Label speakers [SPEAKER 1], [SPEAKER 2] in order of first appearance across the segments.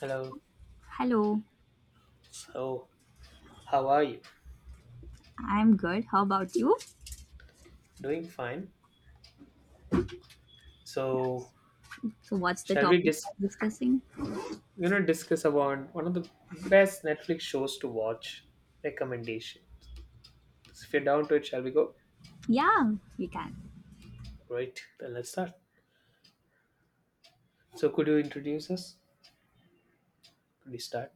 [SPEAKER 1] Hello.
[SPEAKER 2] Hello,
[SPEAKER 1] So, how are you?
[SPEAKER 2] I'm good. How about you?
[SPEAKER 1] Doing fine.
[SPEAKER 2] Yes.
[SPEAKER 1] So,
[SPEAKER 2] So, what's the
[SPEAKER 1] shall we
[SPEAKER 2] topic
[SPEAKER 1] dis
[SPEAKER 2] we're discussing?
[SPEAKER 1] you know discuss about one of the best Netflix shows to watch recommendation? If you're down to it, shall we go?
[SPEAKER 2] Yeah, we can.
[SPEAKER 1] Right. Then let's start. So, could you introduce us? Could we start?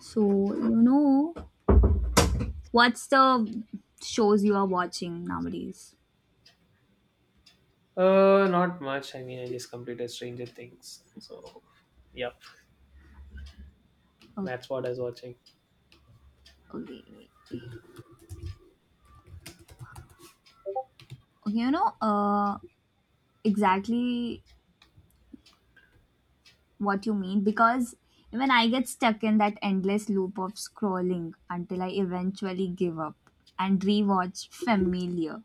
[SPEAKER 2] So, what's the shows you are watching nowadays?
[SPEAKER 1] Not much. I mean, I just completed Stranger Things. So, yep, that's what
[SPEAKER 2] Okay,
[SPEAKER 1] I was watching.
[SPEAKER 2] okay. Okay, exactly what you mean because even I get stuck in that endless loop of scrolling until I eventually give up and rewatch familiar.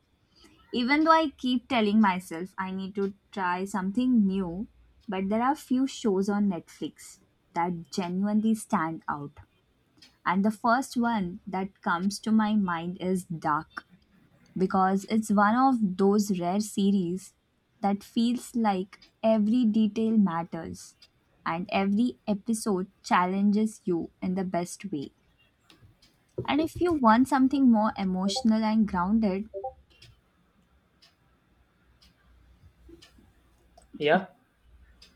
[SPEAKER 2] Even though I keep telling myself I need to try something new, but there are few shows on Netflix that genuinely stand out. And the first one that comes to my mind is Dark, because it's one of those rare series that feels like every detail matters and every episode challenges you in the best way. And if you want something more emotional and grounded,
[SPEAKER 1] Yeah.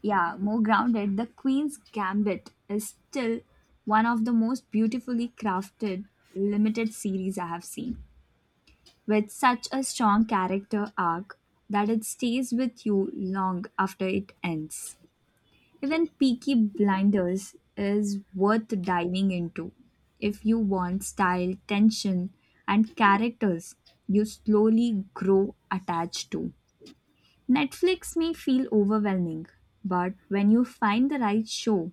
[SPEAKER 2] yeah, more grounded, The Queen's Gambit is still one of the most beautifully crafted limited series I have seen, with such a strong character arc that it stays with you long after it ends. Even Peaky Blinders is worth diving into if you want style, tension, and characters you slowly grow attached to. Netflix may feel overwhelming, but when you find the right show,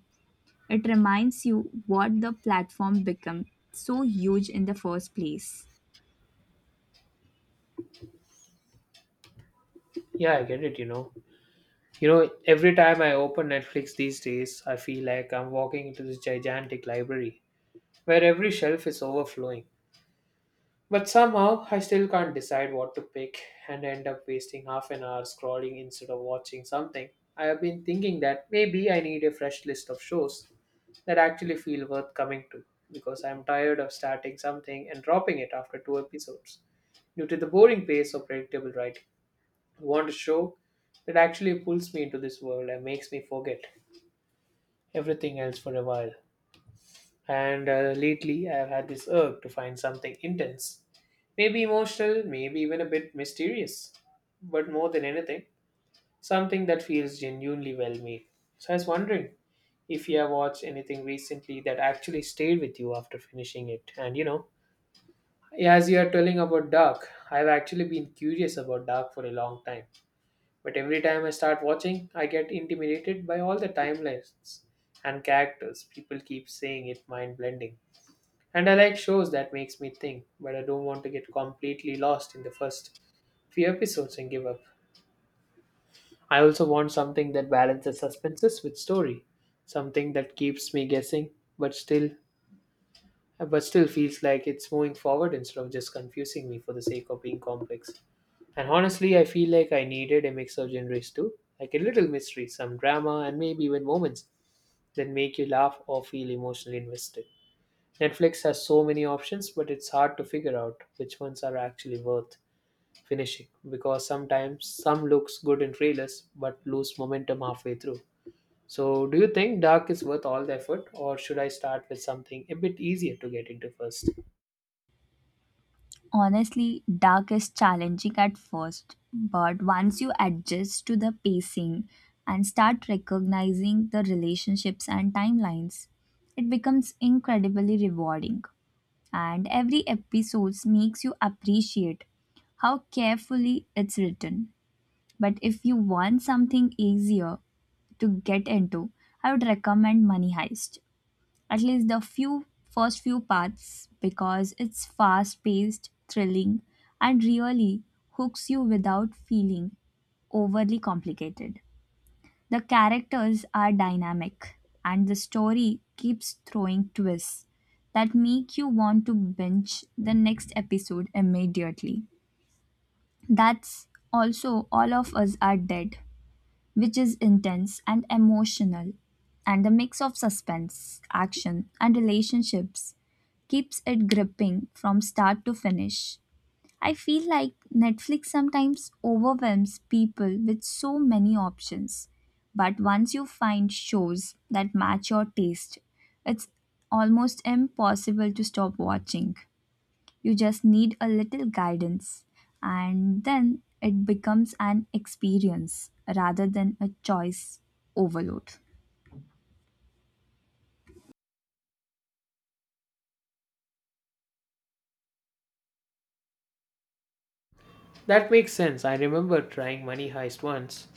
[SPEAKER 2] it reminds you what the platform became so huge in the first place.
[SPEAKER 1] Yeah, I get it. Every time I open Netflix these days, I feel like I'm walking into this gigantic library where every shelf is overflowing. But somehow I still can't decide what to pick and end up wasting half an hour scrolling instead of watching something. I have been thinking that maybe I need a fresh list of shows that actually feel worth coming to because I am tired of starting something and dropping it after two episodes due to the boring pace of predictable writing. I want a show that actually pulls me into this world and makes me forget everything else for a while. And lately, I've had this urge to find something intense, maybe emotional, maybe even a bit mysterious, but more than anything, something that feels genuinely well made. So I was wondering if you have watched anything recently that actually stayed with you after finishing it. And you know, as you are telling about Dark, I've actually been curious about Dark for a long time. But every time I start watching, I get intimidated by all the timelines and characters. People keep saying it mind blending, and I like shows that makes me think, but I don't want to get completely lost in the first few episodes and give up. I also want something that balances suspenses with story, something that keeps me guessing, but still feels like it's moving forward instead of just confusing me for the sake of being complex. And honestly, I feel like I needed a mix of genres too, like a little mystery, some drama, and maybe even moments that make you laugh or feel emotionally invested. Netflix has so many options, but it's hard to figure out which ones are actually worth finishing because sometimes some looks good in trailers but lose momentum halfway through. So, do you think Dark is worth all the effort, or should I start with something a bit easier to get into first?
[SPEAKER 2] Honestly, Dark is challenging at first, but once you adjust to the pacing and start recognizing the relationships and timelines, it becomes incredibly rewarding. And every episode makes you appreciate how carefully it's written. But if you want something easier to get into, I would recommend Money Heist. At least the few first few parts, because it's fast-paced, thrilling, and really hooks you without feeling overly complicated. The characters are dynamic and the story keeps throwing twists that make you want to binge the next episode immediately. That's also All of Us Are Dead, which is intense and emotional, and the mix of suspense, action, and relationships keeps it gripping from start to finish. I feel like Netflix sometimes overwhelms people with so many options, but once you find shows that match your taste, it's almost impossible to stop watching. You just need a little guidance, and then it becomes an experience rather than a choice overload.
[SPEAKER 1] That makes sense. I remember trying Money Heist once.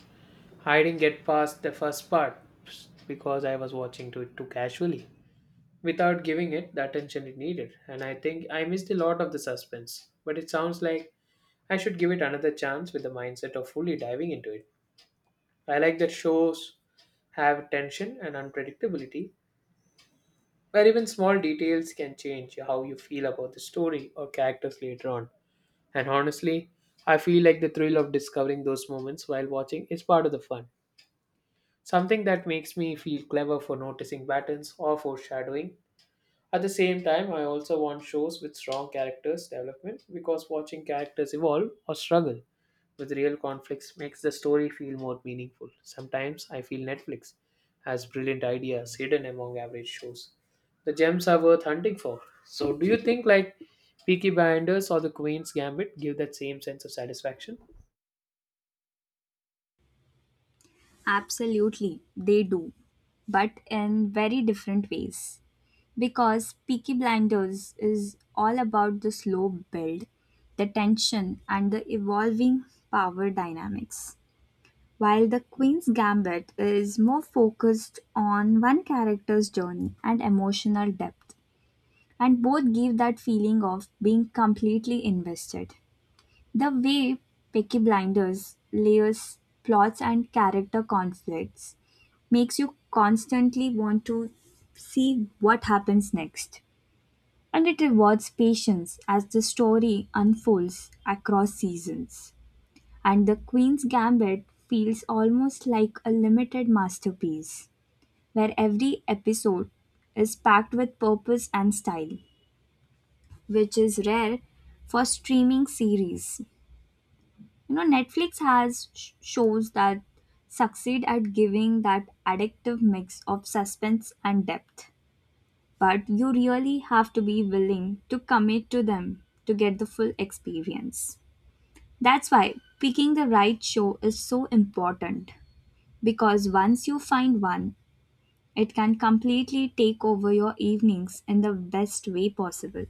[SPEAKER 1] I didn't get past the first part because I was watching to it too casually, without giving it the attention it needed, and I think I missed a lot of the suspense. But it sounds like I should give it another chance with the mindset of fully diving into it. I like that shows have tension and unpredictability, where even small details can change how you feel about the story or characters later on. And honestly, I feel like the thrill of discovering those moments while watching is part of the fun. Something that makes me feel clever for noticing patterns or foreshadowing. At the same time, I also want shows with strong characters development because watching characters evolve or struggle with real conflicts makes the story feel more meaningful. Sometimes I feel Netflix has brilliant ideas hidden among average shows. The gems are worth hunting for. So, do you think like Peaky Blinders or The Queen's Gambit give that same sense of satisfaction?
[SPEAKER 2] Absolutely, they do, but in very different ways. Because Peaky Blinders is all about the slow build, the tension, and the evolving power dynamics, while The Queen's Gambit is more focused on one character's journey and emotional depth. And both give that feeling of being completely invested. The way Peaky Blinders layers plots and character conflicts makes you constantly want to see what happens next. And it rewards patience as the story unfolds across seasons. And The Queen's Gambit feels almost like a limited masterpiece, where every episode is packed with purpose and style, which is rare for streaming series. Netflix has shows that succeed at giving that addictive mix of suspense and depth. But you really have to be willing to commit to them to get the full experience. That's why picking the right show is so important, because once you find one, it can completely take over your evenings in the best way possible.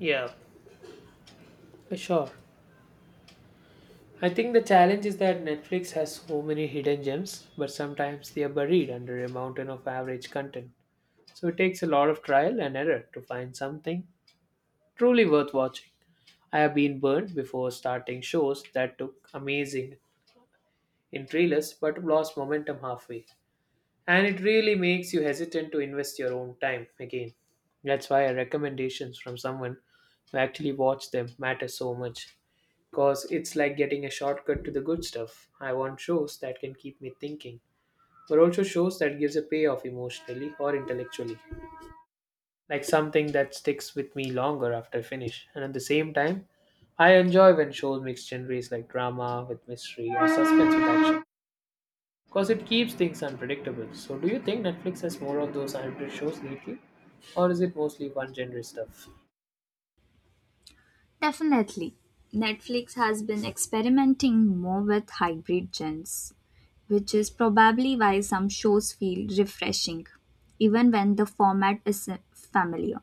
[SPEAKER 1] Yeah, sure. I think the challenge is that Netflix has so many hidden gems, but sometimes they are buried under a mountain of average content. So it takes a lot of trial and error to find something truly worth watching. I have been burned before starting shows that took amazing in trailers but lost momentum halfway. And it really makes you hesitant to invest your own time again. That's why recommendations from someone who actually watched them matter so much. Because it's like getting a shortcut to the good stuff. I want shows that can keep me thinking, but also shows that gives a payoff emotionally or intellectually, like something that sticks with me longer after I finish. And at the same time, I enjoy when shows mix genres like drama with mystery or suspense with action because it keeps things unpredictable. So, do you think Netflix has more of those hybrid shows lately, or is it mostly one genre stuff?
[SPEAKER 2] Definitely. Netflix has been experimenting more with hybrid genres, which is probably why some shows feel refreshing, even when the format is familiar.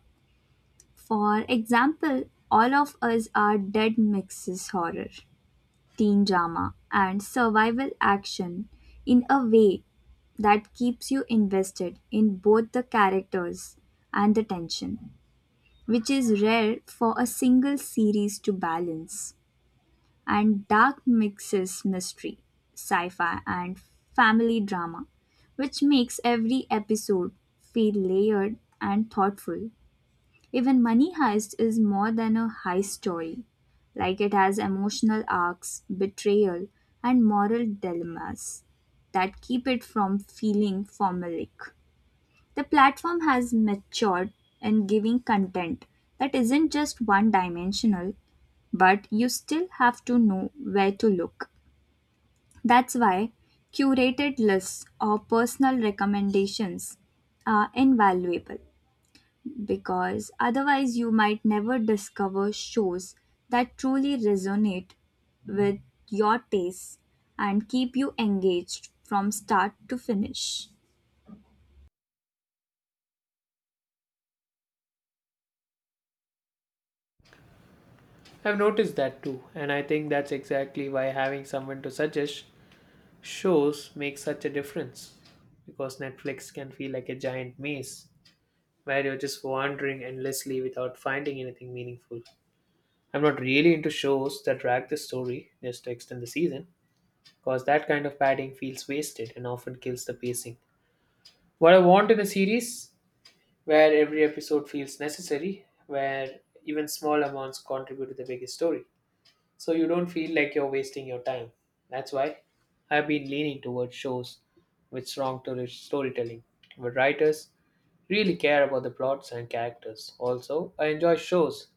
[SPEAKER 2] For example, All of Us Are Dead mixes horror, teen drama, and survival action in a way that keeps you invested in both the characters and the tension, which is rare for a single series to balance. And Dark mixes mystery, sci fi, and family drama, which makes every episode feel layered and thoughtful. Even Money Heist is more than a heist story; like, it has emotional arcs, betrayal, and moral dilemmas that keep it from feeling formulaic. The platform has matured in giving content that isn't just one dimensional, but you still have to know where to look. That's why curated lists or personal recommendations are invaluable, because otherwise you might never discover shows that truly resonate with your tastes and keep you engaged from start to finish.
[SPEAKER 1] I've noticed that too, and I think that's exactly why having someone to suggest shows makes such a difference because Netflix can feel like a giant maze where you're just wandering endlessly without finding anything meaningful. I'm not really into shows that drag the story just to extend the season, because that kind of padding feels wasted and often kills the pacing. What I want in a series where every episode feels necessary, where even small amounts contribute to the bigger story, so you don't feel like you're wasting your time. That's why I've been leaning towards shows with storytelling, where writers really care about the plots and characters. Also, I enjoy shows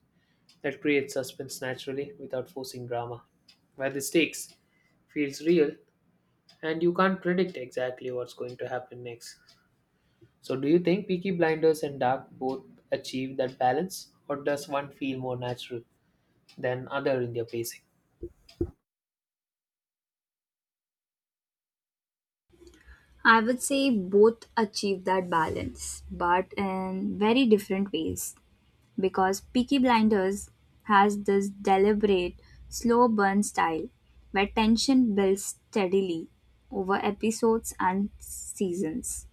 [SPEAKER 1] that creates suspense naturally without forcing drama, where the stakes feels real and you can't predict exactly what's going to happen next. So do you think Peaky Blinders and Dark both achieve that balance or does one feel more natural than other in their pacing?
[SPEAKER 2] I would say both achieve that balance, but in very different ways. Because "Peaky Blinders" has this deliberate, slow-burn style, where tension builds steadily over episodes and seasons,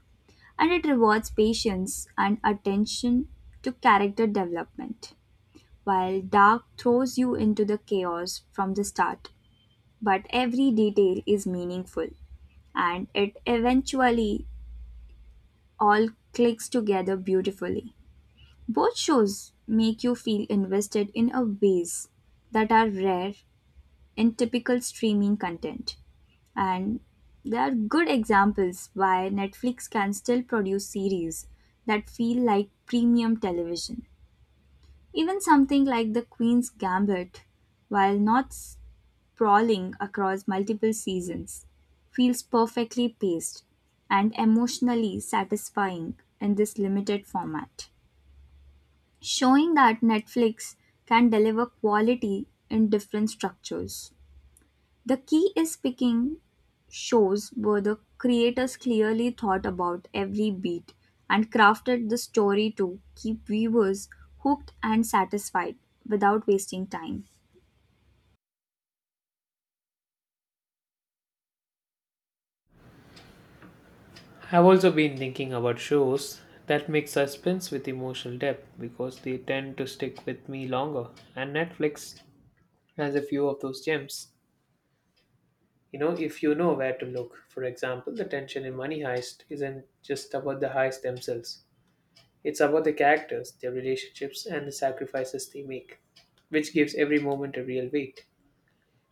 [SPEAKER 2] and it rewards patience and attention to character development, while Dark throws you into the chaos from the start. But every detail is meaningful, and it eventually all clicks together beautifully. Both shows make you feel invested in a ways that are rare in typical streaming content. And they are good examples why Netflix can still produce series that feel like premium television. Even something like The Queen's Gambit, while not sprawling across multiple seasons, feels perfectly paced and emotionally satisfying in this limited format, showing that Netflix can deliver quality in different structures. The key is picking shows where the creators clearly thought about every beat and crafted the story to keep viewers hooked and satisfied without wasting time.
[SPEAKER 1] I've also been thinking about shows that mix suspense with emotional depth because they tend to stick with me longer and Netflix has a few of those gems. If you know where to look, for example, the tension in Money Heist isn't just about the heists themselves, it's about the characters, their relationships, and the sacrifices they make, which gives every moment a real weight.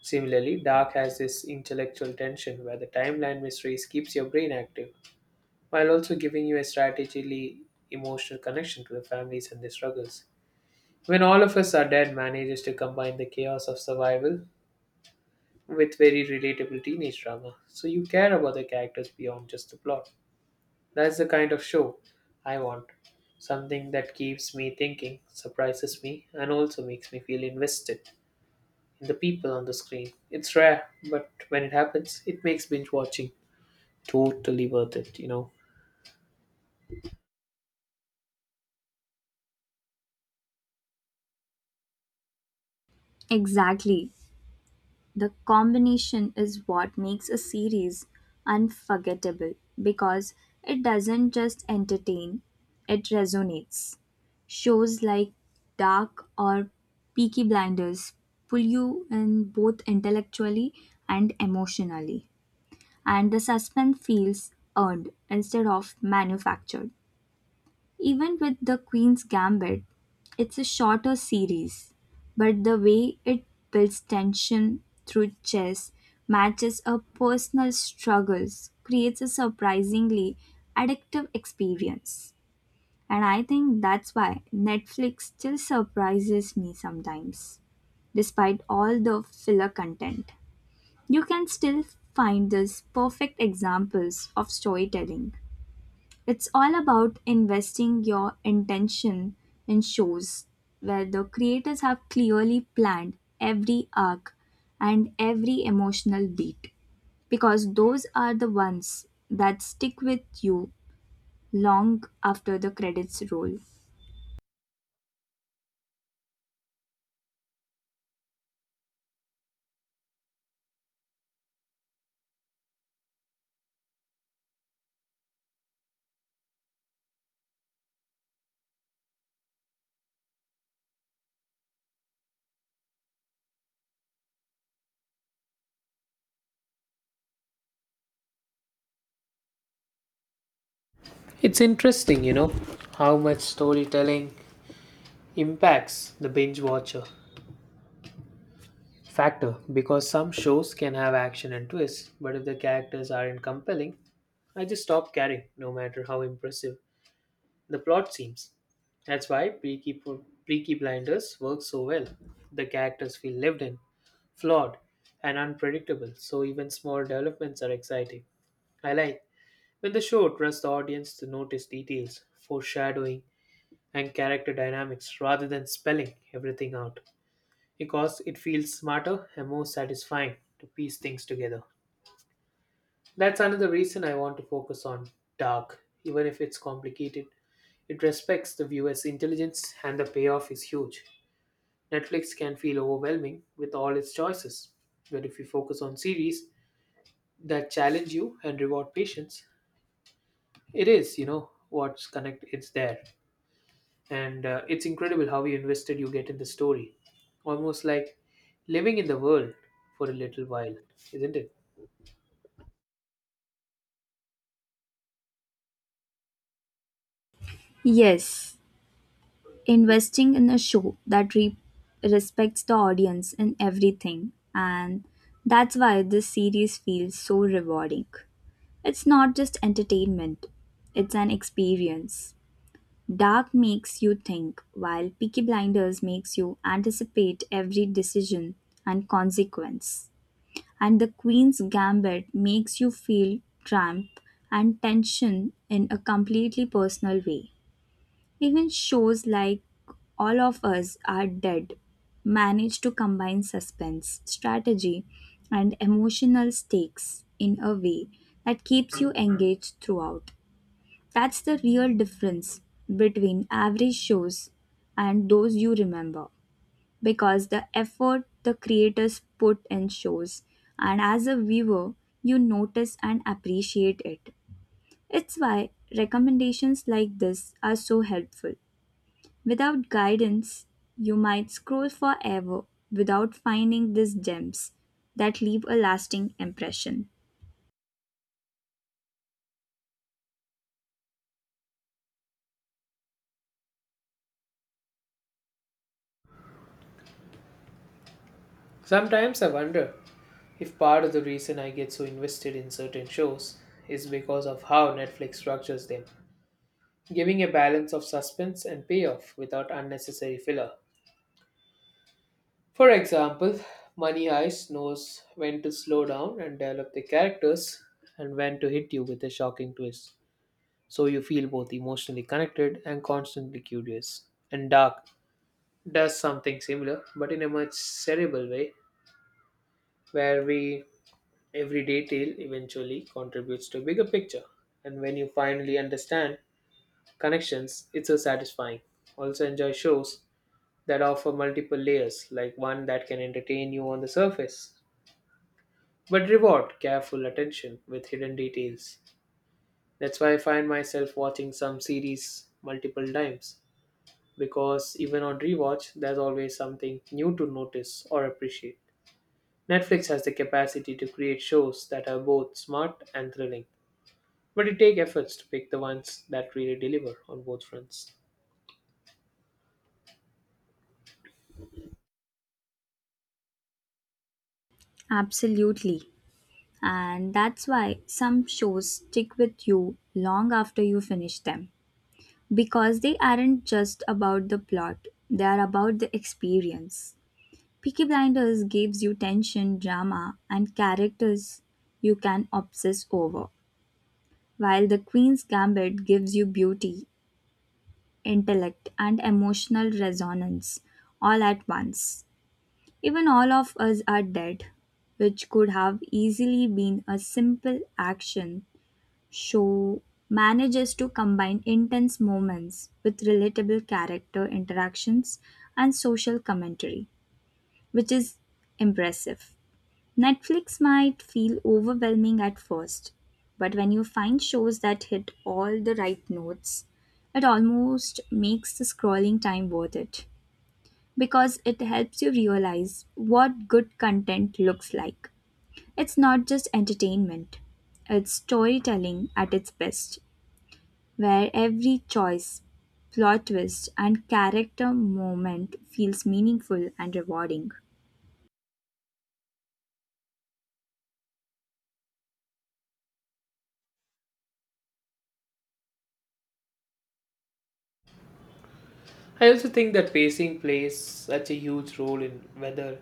[SPEAKER 1] Similarly, Dark has this intellectual tension where the timeline mysteries keeps your brain active, while also giving you a strategically emotional connection to the families and their struggles. When All of Us Are Dead manages to combine the chaos of survival with very relatable teenage drama. So you care about the characters beyond just the plot. That's the kind of show I want. Something that keeps me thinking, surprises me, and also makes me feel invested in the people on the screen. It's rare, but when it happens, it makes binge watching totally worth it.
[SPEAKER 2] Exactly. The combination is what makes a series unforgettable, because it doesn't just entertain, it resonates. Shows like Dark or Peaky Blinders pull you in both intellectually and emotionally, and the suspense feels earned instead of manufactured. Even with The Queen's Gambit, it's a shorter series, but the way it builds tension through chess, matches up personal struggles, creates a surprisingly addictive experience. And I think that's why Netflix still surprises me sometimes, despite all the filler content. You can still find these perfect examples of storytelling. It's all about investing your intention in shows where the creators have clearly planned every arc and every emotional beat, because those are the ones that stick with you long after the credits roll.
[SPEAKER 1] It's interesting, you know, how much storytelling impacts the binge watcher factor because some shows can have action and twists, but if the characters aren't compelling, I just stop caring, no matter how impressive the plot seems. That's why Peaky Blinders works so well. The characters feel lived in, flawed, and unpredictable, so even small developments are exciting. I like when the show trusts the audience to notice details, foreshadowing, and character dynamics rather than spelling everything out, because it feels smarter and more satisfying to piece things together. That's another reason I want to focus on Dark, even if it's complicated. It respects the viewer's intelligence and the payoff is huge. Netflix can feel overwhelming with all its choices, but if you focus on series that challenge you and reward patience, it is, you know, what's connect, it's there. And it's incredible how invested you get in the story. Almost like living in the world for a little while, isn't it?
[SPEAKER 2] Yes, investing in a show that respects the audience in everything, and that's why this series feels so rewarding. It's not just entertainment, it's an experience. Dark makes you think, while Peaky Blinders makes you anticipate every decision and consequence. And The Queen's Gambit makes you feel triumph and tension in a completely personal way. Even shows like All of Us Are Dead manage to combine suspense, strategy, and emotional stakes in a way that keeps you engaged throughout. That's the real difference between average shows and those you remember, because the effort the creators put in shows, and as a viewer, you notice and appreciate it. It's why recommendations like this are so helpful. Without guidance, you might scroll forever without finding these gems that leave a lasting impression.
[SPEAKER 1] Sometimes I wonder if part of the reason I get so invested in certain shows is because of how Netflix structures them, giving a balance of suspense and payoff without unnecessary filler. For example, Money Heist knows when to slow down and develop the characters and when to hit you with a shocking twist, so you feel both emotionally connected and constantly curious. And Dark does something similar, but in a much cerebral way, where we every detail eventually contributes to a bigger picture, and when you finally understand connections, it's so satisfying. Also, enjoy shows that offer multiple layers, like one that can entertain you on the surface, but reward careful attention with hidden details. That's why I find myself watching some series multiple times, because even on rewatch, there's always something new to notice or appreciate. Netflix has the capacity to create shows that are both smart and thrilling, but it takes efforts to pick the ones that really deliver on both fronts.
[SPEAKER 2] Absolutely. And that's why some shows stick with you long after you finish them. Because they aren't just about the plot, they are about the experience. Peaky Blinders gives you tension, drama, and characters you can obsess over, while The Queen's Gambit gives you beauty, intellect, and emotional resonance all at once. Even All of Us Are Dead, which could have easily been a simple action show, manages to combine intense moments with relatable character interactions and social commentary, which is impressive. Netflix might feel overwhelming at first, but when you find shows that hit all the right notes, it almost makes the scrolling time worth it, because it helps you realize what good content looks like. It's not just entertainment, it's storytelling at its best, where every choice, plot twist, and character moment feels meaningful and rewarding.
[SPEAKER 1] I also think that pacing plays such a huge role in whether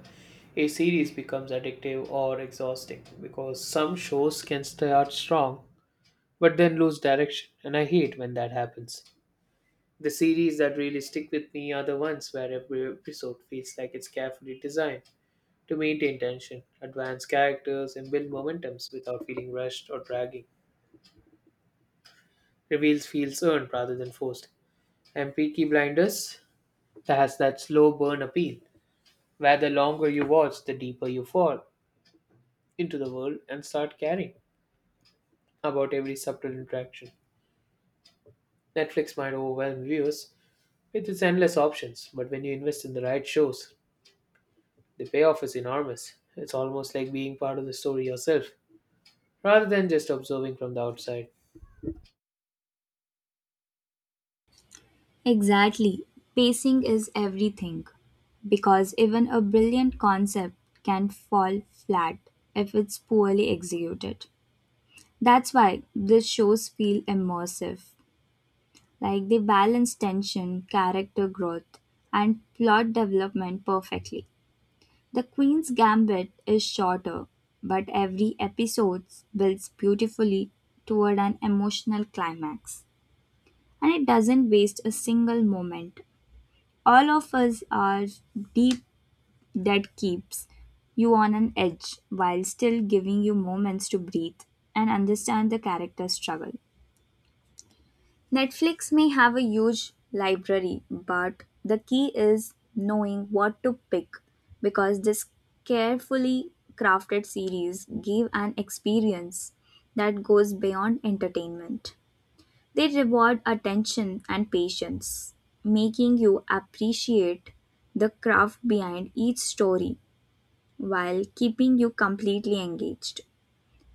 [SPEAKER 1] a series becomes addictive or exhausting because some shows can start strong but then lose direction, and I hate when that happens. The series that really stick with me are the ones where every episode feels like it's carefully designed to maintain tension, advance characters, and build momentums without feeling rushed or dragging. Reveals feels earned rather than forced. And Peaky Blinders has that slow burn appeal, where the longer you watch, the deeper you fall into the world and start caring about every subtle interaction. Netflix might overwhelm viewers with its endless options, but when you invest in the right shows, the payoff is enormous. It's almost like being part of the story yourself, rather than just observing from the outside.
[SPEAKER 2] Exactly. Pacing is everything. Because even a brilliant concept can fall flat if it's poorly executed. That's why these shows feel immersive. Like, they balance tension, character growth, and plot development perfectly. The Queen's Gambit is shorter, but every episode builds beautifully toward an emotional climax. And it doesn't waste a single moment. All of Us Are Deep that keeps you on an edge while still giving you moments to breathe and understand the character's struggle. Netflix may have a huge library, but the key is knowing what to pick, because this carefully crafted series give an experience that goes beyond entertainment. They reward attention and patience, making you appreciate the craft behind each story while keeping you completely engaged.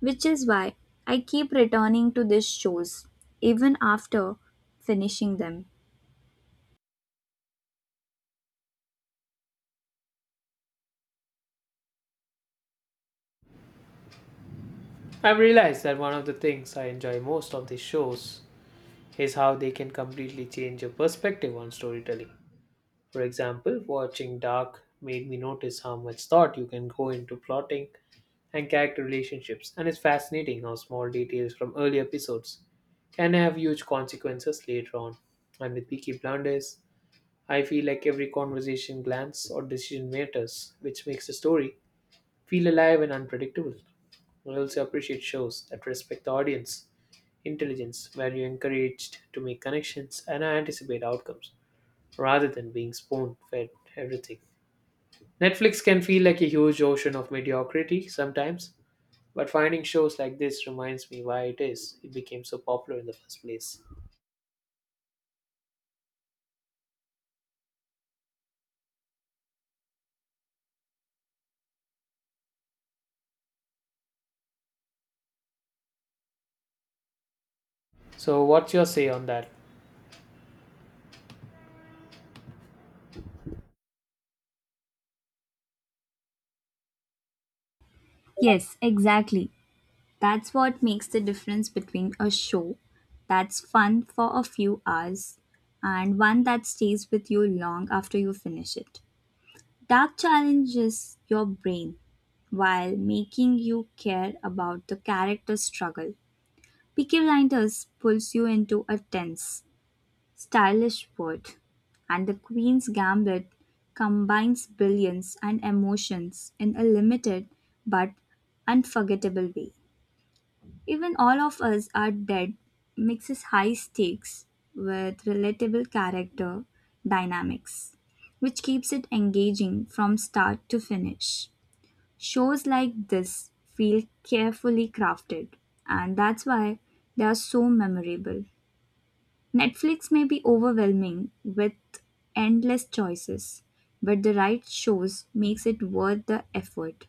[SPEAKER 2] Which is why I keep returning to these shows even after finishing them.
[SPEAKER 1] I've realized that one of the things I enjoy most of these shows is how they can completely change your perspective on storytelling. For example, watching Dark made me notice how much thought you can go into plotting and character relationships, and it's fascinating how small details from early episodes can have huge consequences later on. And with Peaky Blinders, I feel like every conversation, glance, or decision matters, which makes the story feel alive and unpredictable. I also appreciate shows that respect the audience intelligence, where you're encouraged to make connections and anticipate outcomes rather than being spoon fed everything. Netflix can feel like a huge ocean of mediocrity sometimes, but finding shows like this reminds me why it is it became so popular in the first place. So, what's your say on that?
[SPEAKER 2] Yes, exactly. That's what makes the difference between a show that's fun for a few hours and one that stays with you long after you finish it. That challenges your brain while making you care about the character's struggle. Peaky Blinders pulls you into a tense, stylish world, and The Queen's Gambit combines brilliance and emotions in a limited but unforgettable way. Even All of Us Are Dead mixes high stakes with relatable character dynamics, which keeps it engaging from start to finish. Shows like this feel carefully crafted, and that's why they are so memorable. Netflix may be overwhelming with endless choices, but the right shows makes it worth the effort,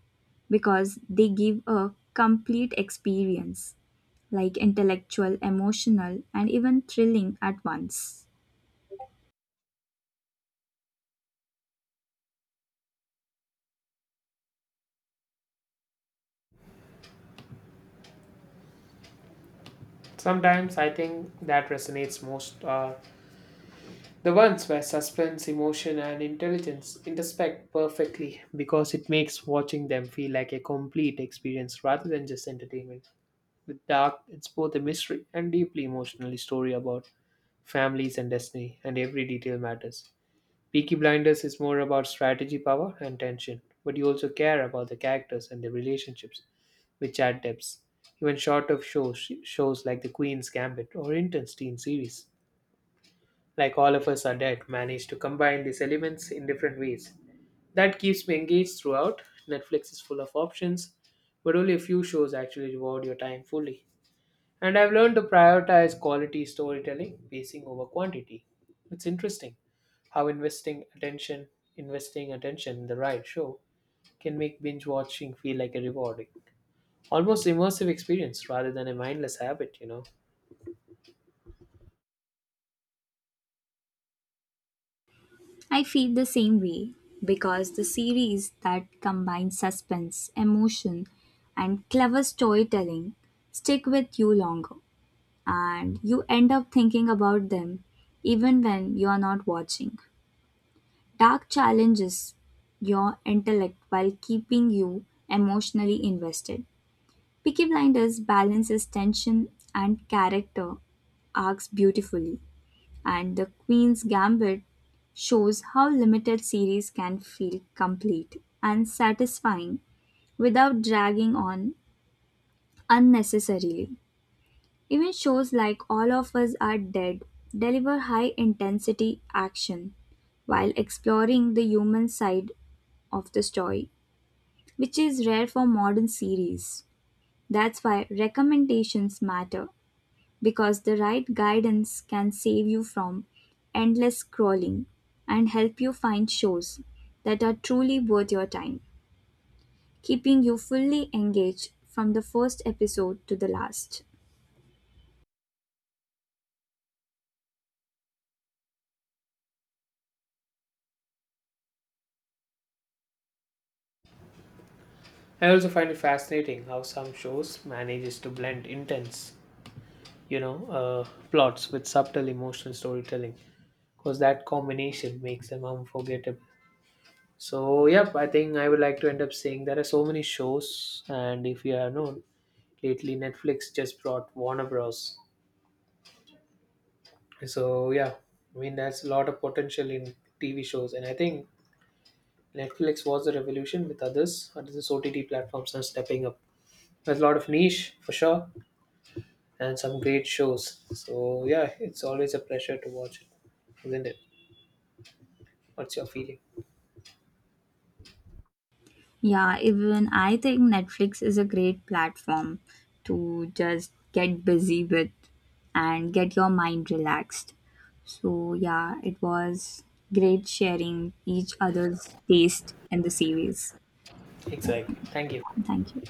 [SPEAKER 2] because they give a complete experience, like intellectual, emotional, and even thrilling at once.
[SPEAKER 1] Sometimes I think that resonates most are the ones where suspense, emotion, and intelligence intersect perfectly because it makes watching them feel like a complete experience rather than just entertainment. With Dark, it's both a mystery and deeply emotional story about families and destiny, and every detail matters. Peaky Blinders is more about strategy, power, and tension, but you also care about the characters and their relationships, which add depth. Even short of shows, shows like The Queen's Gambit or intense teen series, like All of Us Are Dead, manage to combine these elements in different ways. That keeps me engaged throughout. Netflix is full of options, but only a few shows actually reward your time fully. And I've learned to prioritize quality storytelling, pacing over quantity. It's interesting how investing attention in the right show can make binge watching feel like a rewarding, almost immersive experience rather than a mindless habit, you know.
[SPEAKER 2] I feel the same way, because the series that combine suspense, emotion, and clever storytelling stick with you longer, and you end up thinking about them even when you are not watching. Dark challenges your intellect while keeping you emotionally invested. Peaky Blinders balances tension and character arcs beautifully, and The Queen's Gambit shows how limited series can feel complete and satisfying without dragging on unnecessarily. Even shows like All of Us Are Dead deliver high intensity action while exploring the human side of the story, which is rare for modern series. That's why recommendations matter, because the right guidance can save you from endless scrolling and help you find shows that are truly worth your time, keeping you fully engaged from the first episode to the last.
[SPEAKER 1] I also find it fascinating how some shows manages to blend intense, plots with subtle emotional storytelling because that combination makes them unforgettable. So yep, I think I would like to end up saying there are so many shows, and if you have known lately, Netflix just brought Warner Bros. So yeah, I mean there's a lot of potential in TV shows, and I think Netflix was a revolution with others. Others OTT platforms are stepping up. There's a lot of niche for sure, and some great shows. So yeah, it's always a pleasure to watch it, isn't it? What's your feeling?
[SPEAKER 2] Yeah, even I think Netflix is a great platform to just get busy with and get your mind relaxed. So, yeah, it was great sharing each other's taste in the series. So,
[SPEAKER 1] Exactly.
[SPEAKER 2] thank you.
[SPEAKER 1] Thank you.
[SPEAKER 2] Thank you.